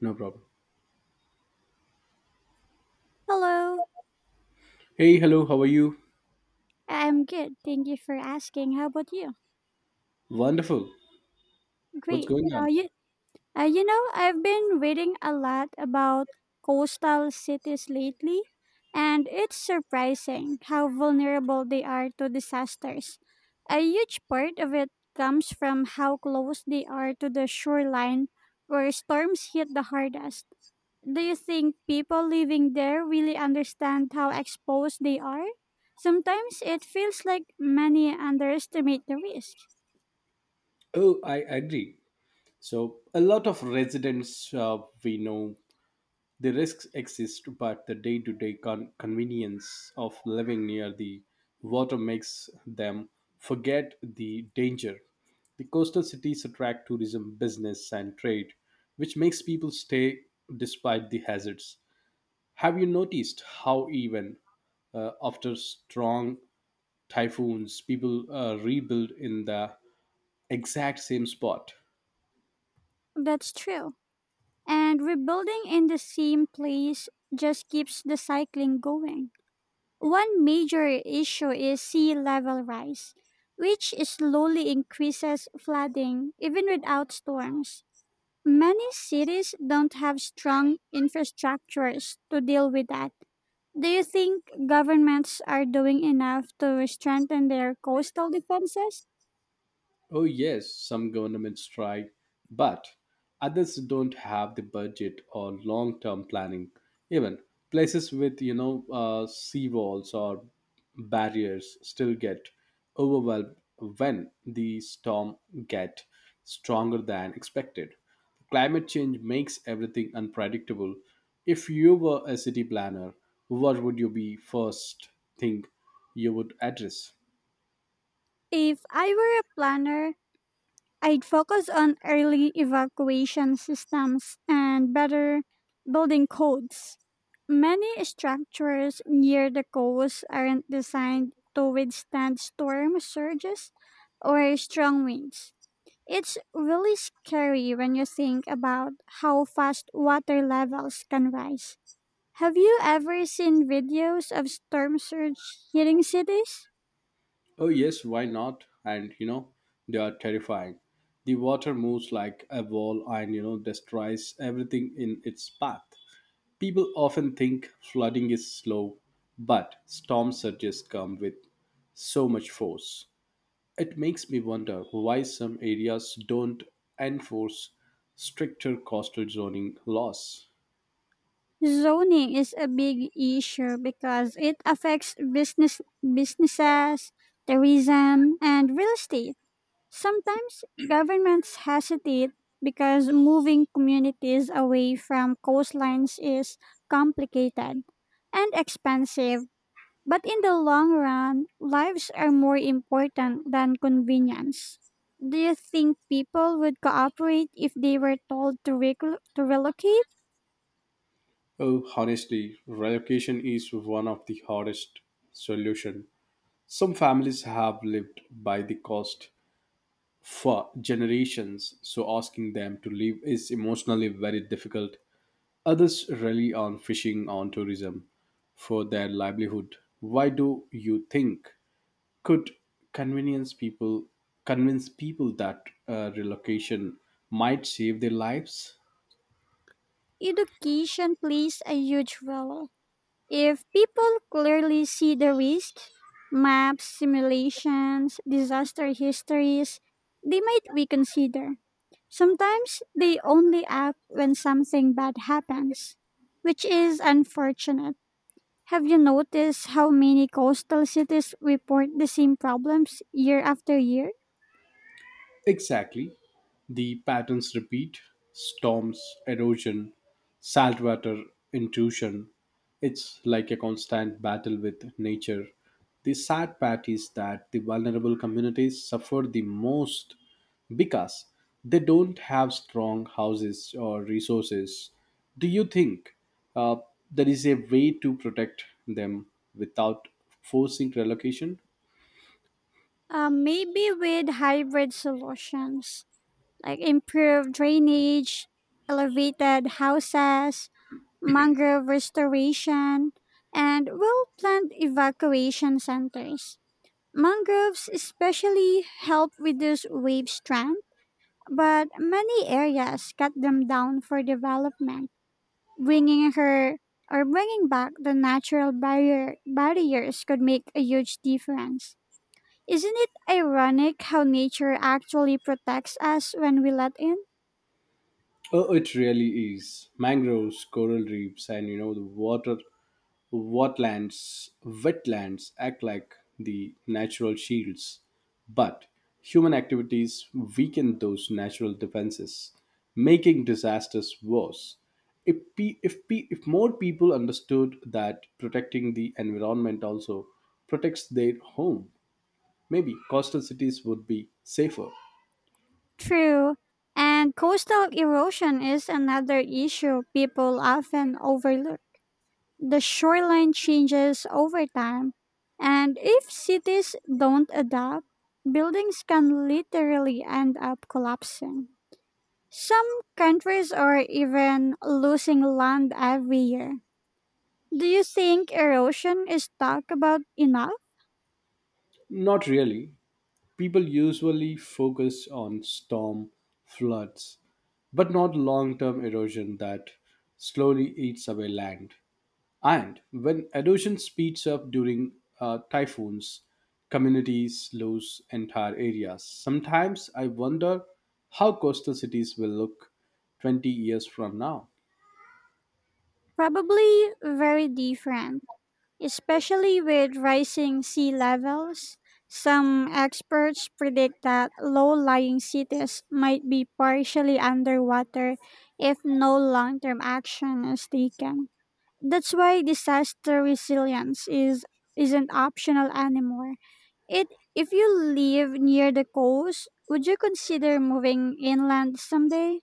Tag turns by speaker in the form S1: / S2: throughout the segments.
S1: No problem.
S2: Hello,
S1: Hey, hello, how are you?
S2: I'm good. Thank you for asking. How about you?
S1: Wonderful. What's
S2: Great.
S1: going on?
S2: I've been reading a lot about coastal cities lately, and it's surprising how vulnerable they are to disasters. A huge part of it comes from how close they are to the shoreline where storms hit the hardest. Do you think people living there really understand how exposed they are? Sometimes it feels like many underestimate the risk.
S1: Oh, I agree. So, a lot of residents, we know the risks exist, but the day to day convenience of living near the water makes them forget the danger. The coastal cities attract tourism, business, and trade, which makes people stay despite the hazards. Have you noticed how, even after strong typhoons, people rebuild in the exact same spot.
S2: That's true. And rebuilding in the same place just keeps the cycling going. One major issue is sea level rise, which slowly increases flooding even without storms. Many cities don't have strong infrastructures to deal with that. Do you think governments are doing enough to strengthen their coastal defenses?
S1: Oh, yes, some governments try, but others don't have the budget or long term planning. Even places with, sea walls or barriers still get overwhelmed when the storm get stronger than expected. Climate change makes everything unpredictable. If you were a city planner, what would you be first thing you would address?
S2: If I were a planner, I'd focus on early evacuation systems and better building codes. Many structures near the coast aren't designed to withstand storm surges or strong winds. It's really scary when you think about how fast water levels can rise. Have you ever seen videos of storm surge hitting cities?
S1: Oh, yes, why not? And they are terrifying. The water moves like a wall and, destroys everything in its path. People often think flooding is slow, but storm surges come with so much force. It makes me wonder why some areas don't enforce stricter coastal zoning laws.
S2: Zoning is a big issue because it affects businesses, tourism, and real estate. Sometimes governments hesitate because moving communities away from coastlines is complicated and expensive. But in the long run, lives are more important than convenience. Do you think people would cooperate if they were told to, to relocate?
S1: Oh, honestly, relocation is one of the hardest solution. Some families have lived by the coast for generations, so asking them to leave is emotionally very difficult. Others rely on fishing on tourism for their livelihood. Why do you think could convenience people convince people that relocation might save their lives?
S2: Education plays a huge role. If people clearly see the risk, maps, simulations, disaster histories, they might reconsider. Sometimes they only act when something bad happens, which is unfortunate. Have you noticed how many coastal cities report the same problems year after year?
S1: Exactly. The patterns repeat storms, erosion, saltwater intrusion. It's like a constant battle with nature. The sad part is that the vulnerable communities suffer the most because they don't have strong houses or resources. Do you think uh, there is a way to protect them without forcing relocation?
S2: Maybe with hybrid solutions like improved drainage, elevated houses, mangrove restoration, and well planned evacuation centers. Mangroves especially help reduce wave strength, but many areas cut them down for development. Bringing her or Bringing back the natural barriers could make a huge difference. Isn't it ironic how nature actually protects us when we let in?
S1: Oh, it really is. Mangroves, coral reefs, and, the water, wetlands act like the natural shields, but human activities weaken those natural defenses, making disasters worse. If more people understood that protecting the environment also protects their home, maybe coastal cities would be safer.
S2: True. And coastal erosion is another issue people often overlook. The shoreline changes over time, and if cities don't adapt, buildings can literally end up collapsing. Some countries are even losing land every year. Do you think erosion is talked about enough?
S1: Not really. People usually focus on storm floods, but not long term erosion that slowly eats away land. And when erosion speeds up during typhoons, communities lose entire areas. Sometimes I wonder how coastal cities will look 20 years from now.
S2: Probably very different, especially with rising sea levels. Some experts predict that low lying cities might be partially underwater if no long term action is taken. That's why disaster isn't optional anymore. It If you live near the coast, would you consider moving inland someday?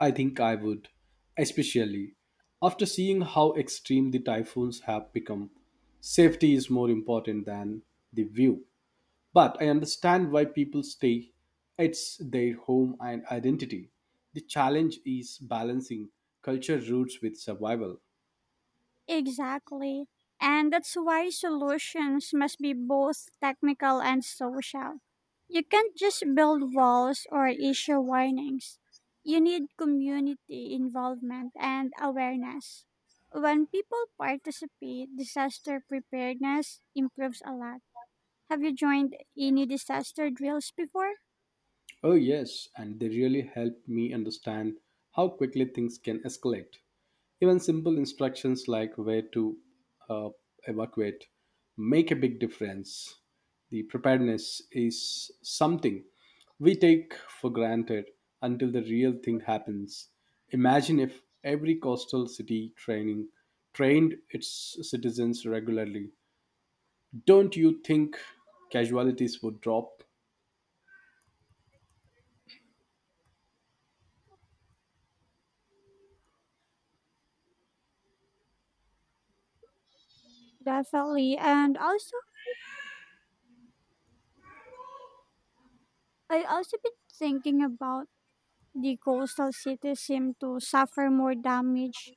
S1: I think I would, especially after seeing how extreme the typhoons have become. Safety is more important than the view. But I understand why people stay. It's their home and identity. The challenge is balancing culture roots with survival.
S2: Exactly. And that's why solutions must be both technical and social. You can't just build walls or issue warnings. You need community involvement and awareness. When people participate, disaster preparedness improves a lot. Have you joined any disaster drills before?
S1: Oh, yes, and they really helped me understand how quickly things can escalate. Even simple instructions like where to uh, evacuate make a big difference. The preparedness is something we take for granted until the real thing happens. Imagine if every coastal city training trained its citizens regularly. Don't you think casualties would drop?
S2: Definitely, and also I also been thinking about the coastal cities seem to suffer more damage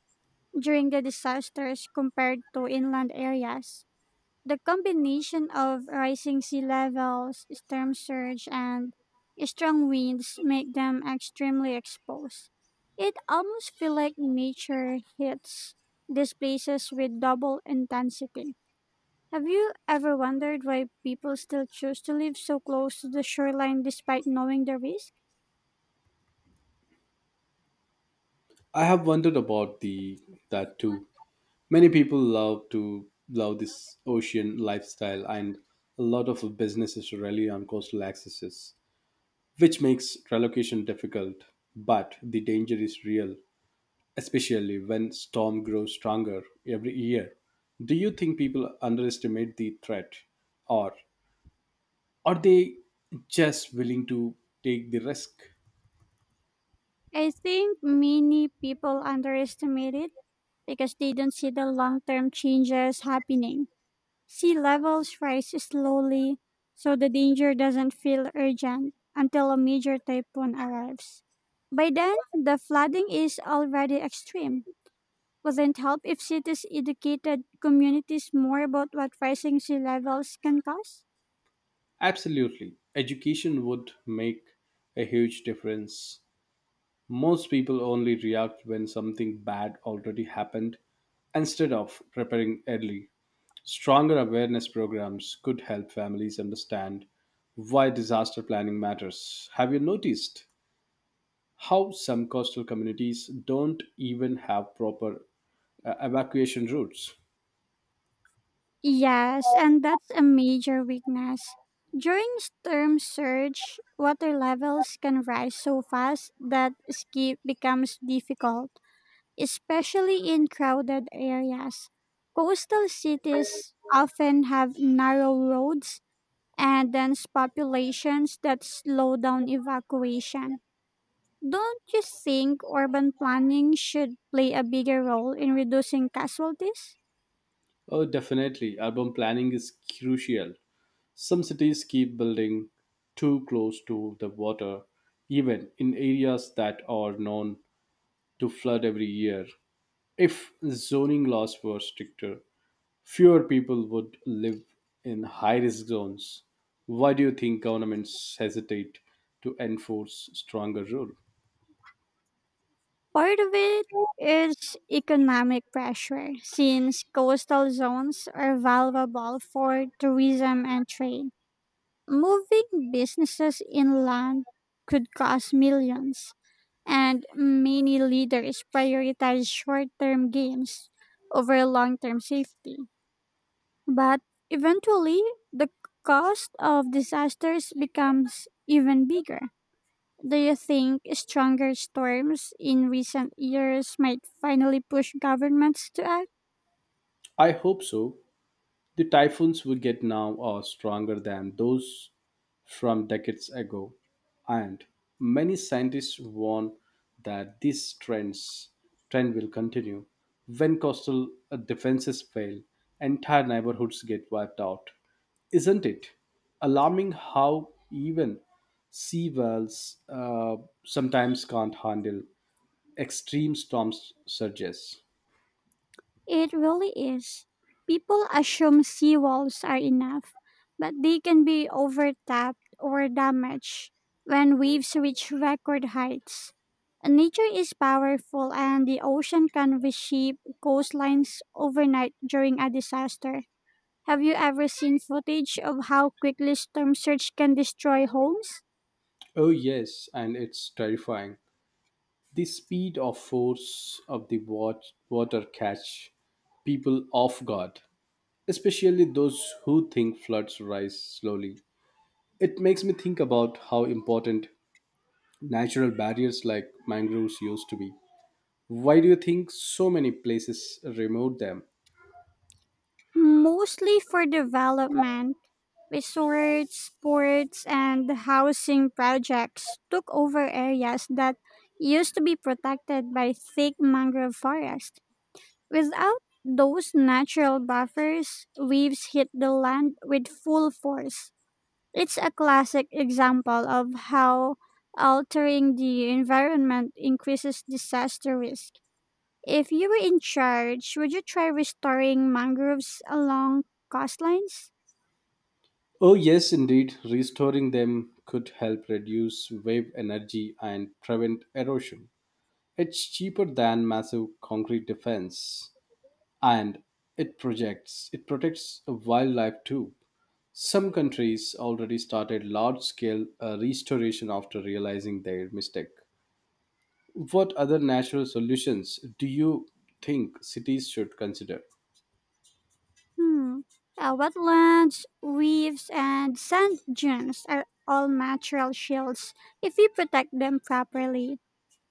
S2: during the disasters compared to inland areas. The combination of rising sea levels, storm surge, and strong winds make them extremely exposed. It almost feels like nature hits these places with double intensity. Have you ever wondered why people still choose to live so close to the shoreline despite knowing the risk?
S1: I have wondered about the that too. Many people love to love this ocean lifestyle, and a lot of businesses rely on coastal accesses, which makes relocation difficult. But the danger is real, especially when storm grows stronger every year. Do you think people underestimate the threat, or are they just willing to take the risk?
S2: I think many people underestimate it because they don't see the long term changes happening. Sea levels rise slowly, so the danger doesn't feel urgent until a major typhoon arrives. By then, the flooding is already extreme. Wouldn't help if cities educated communities more about what rising sea levels can cause?
S1: Absolutely, education would make a huge difference. Most people only react when something bad already happened instead of preparing early. Stronger awareness programs could help families understand why disaster planning matters. Have you noticed how some coastal communities don't even have proper evacuation routes?
S2: Yes, and that's a major weakness. During storm surge, water levels can rise so fast that escape becomes difficult, especially in crowded areas. Coastal cities often have narrow roads and dense populations that slow down evacuation. Don't you think urban planning should play a bigger role in reducing casualties?
S1: Oh, definitely. Urban planning is crucial. Some cities keep building too close to the water, even in areas that are known to flood every year. If zoning laws were stricter, fewer people would live in high risk zones. Why do you think governments hesitate to enforce stronger rule?
S2: Part of it is economic pressure, since coastal zones are valuable for tourism and trade. Moving businesses inland could cost millions, and many leaders prioritize short term gains over long term safety. But eventually, the cost of disasters becomes even bigger. Do you think stronger storms in recent years might finally push governments to act?
S1: I hope so. The typhoons we get now are stronger than those from decades ago, and many scientists warn that trend will continue. When coastal defenses fail, entire neighborhoods get wiped out. Isn't it alarming how even sea whales sometimes can't handle extreme storm surges?
S2: It really is. People assume seawalls are enough, but they can be overtapped or damaged when waves reach record heights. Nature is powerful, and the ocean can reshape coastlines overnight during a disaster. Have you ever seen footage of how quickly storm surge can destroy homes?
S1: Oh, yes, and it's terrifying. The speed or force of the water catch people off guard, especially those who think floods rise slowly. It makes me think about how important natural barriers like mangroves used to be. Why do you think so many places remove them?
S2: Mostly for development. Resorts, sports, and housing projects took over areas that used to be protected by thick mangrove forest. Without those natural buffers, waves hit the land with full force. It's a classic example of how altering the environment increases disaster risk. If you were in charge, would you try restoring mangroves along coastlines?
S1: Oh, yes, indeed, restoring them could help reduce wave energy and prevent erosion. It's cheaper than massive concrete defense, and it protects wildlife too. Some countries already started large scale restoration after realizing their mistake. What other natural solutions do you think cities should consider?
S2: Hmm. Wetlands, reefs, and sand dunes are all natural shields if we protect them properly.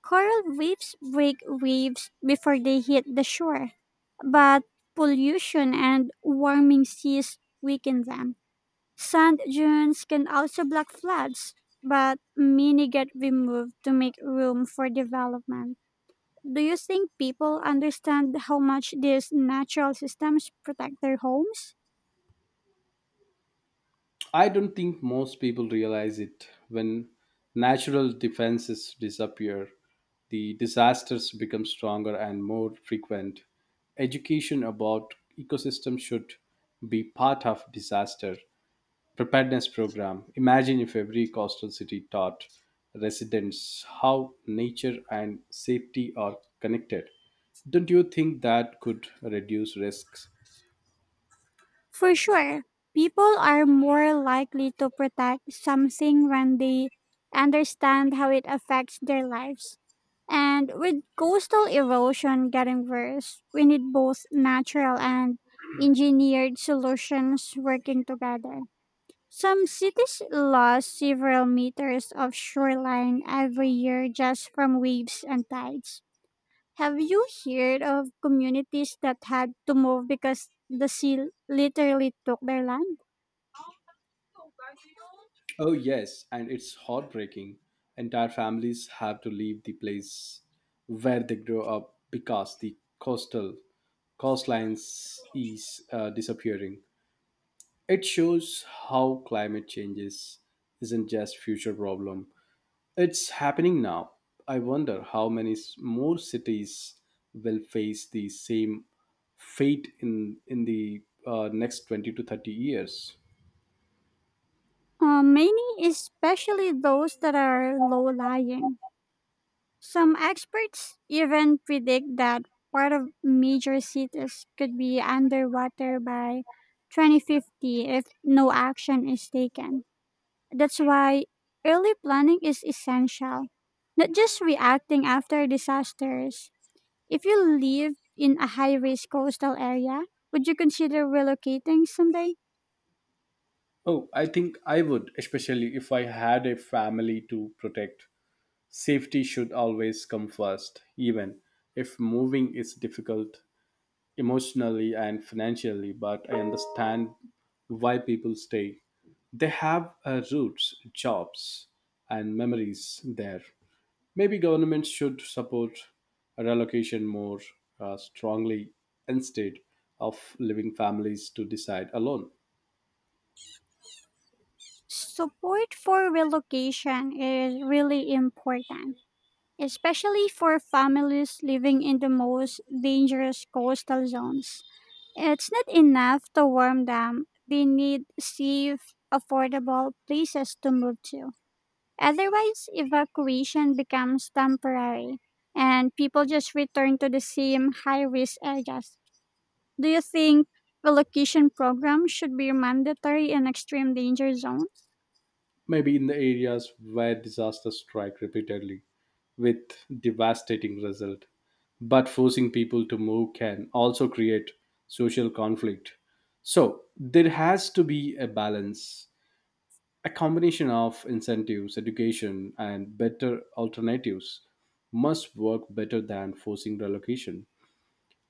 S2: Coral reefs break waves before they hit the shore, but pollution and warming seas weaken them. Sand dunes can also block floods, but many get removed to make room for development. Do you think people understand how much these natural systems protect their homes?
S1: I don't think most people realize it. When natural defenses disappear, the disasters become stronger and more frequent. Education about ecosystem should be part of disaster preparedness program. Imagine if every coastal city taught residents how nature and safety are connected. Don't you think that could reduce risks?
S2: For sure, people are more likely to protect something when they understand how it affects their lives. And with coastal erosion getting worse, we need both natural and engineered solutions working together. Some cities lose several meters of shoreline every year just from waves and tides. Have you heard of communities that had to move because the sea literally took their land?
S1: Oh, yes, and it's heartbreaking. Entire families have to leave the place where they grow up because the coastal coastlines is disappearing. It shows how climate changes isn't just future problem. It's happening now. I wonder how many more cities will face the same fate in in the next 20 to 30 years.
S2: Many, especially those that are low lying. Some experts even predict that part of major cities could be underwater by 2050 if no action is taken. That's why early planning is essential, not just reacting after disasters. If you live in a high risk coastal area, would you consider relocating someday?
S1: Oh, I think I would, especially if I had a family to protect. Safety should always come first, even if moving is difficult emotionally and financially, but I understand why people stay. They have roots, jobs, and memories there. Maybe governments should support relocation more strongly instead of leaving families to decide alone.
S2: Support for relocation is really important, especially for families living in the most dangerous coastal zones. It's not enough to warm them, they need safe, affordable places to move to. Otherwise, evacuation becomes temporary and people just return to the same high risk areas. Do you think relocation programs should be mandatory in extreme danger zones?
S1: Maybe in the areas where disasters strike repeatedly with devastating result. But forcing people to move can also create social conflict. So there has to be a balance, a combination of incentives, education, and better alternatives must work better than forcing relocation.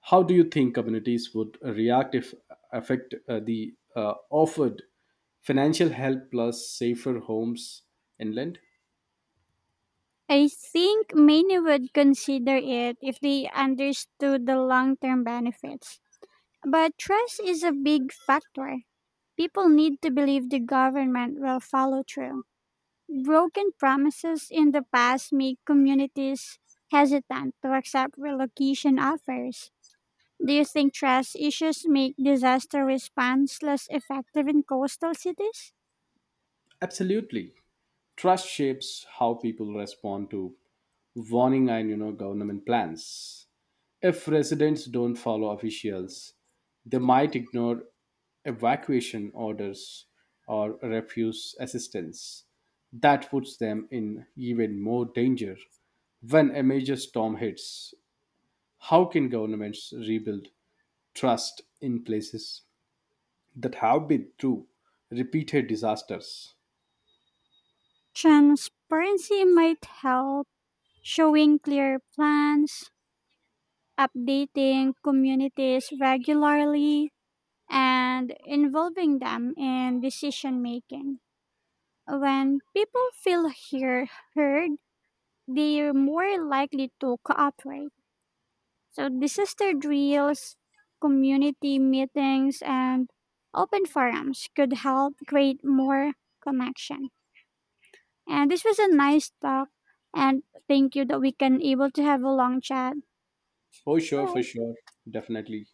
S1: How do you think communities would react if affect the offered financial help plus safer homes inland?
S2: I think many would consider it if they understood the long term benefits. But trust is a big factor. People need to believe the government will follow through. Broken promises in the past make communities hesitant to accept relocation offers. Do you think trust issues make disaster response less effective in coastal cities?
S1: Absolutely. Trust shapes how people respond to warning and, government plans. If residents don't follow officials, they might ignore evacuation orders or refuse assistance. That puts them in even more danger when a major storm hits. How can governments rebuild trust in places that have been through repeated disasters?
S2: Transparency might help, showing clear plans, updating communities regularly, and involving them in decision making. When people heard, they're more likely to cooperate. So, disaster drills, community meetings, and open forums could help create more connection. And this was a nice talk. And thank you that we can able to have a long chat.
S1: Oh, sure, for
S2: Bye.
S1: sure. Definitely.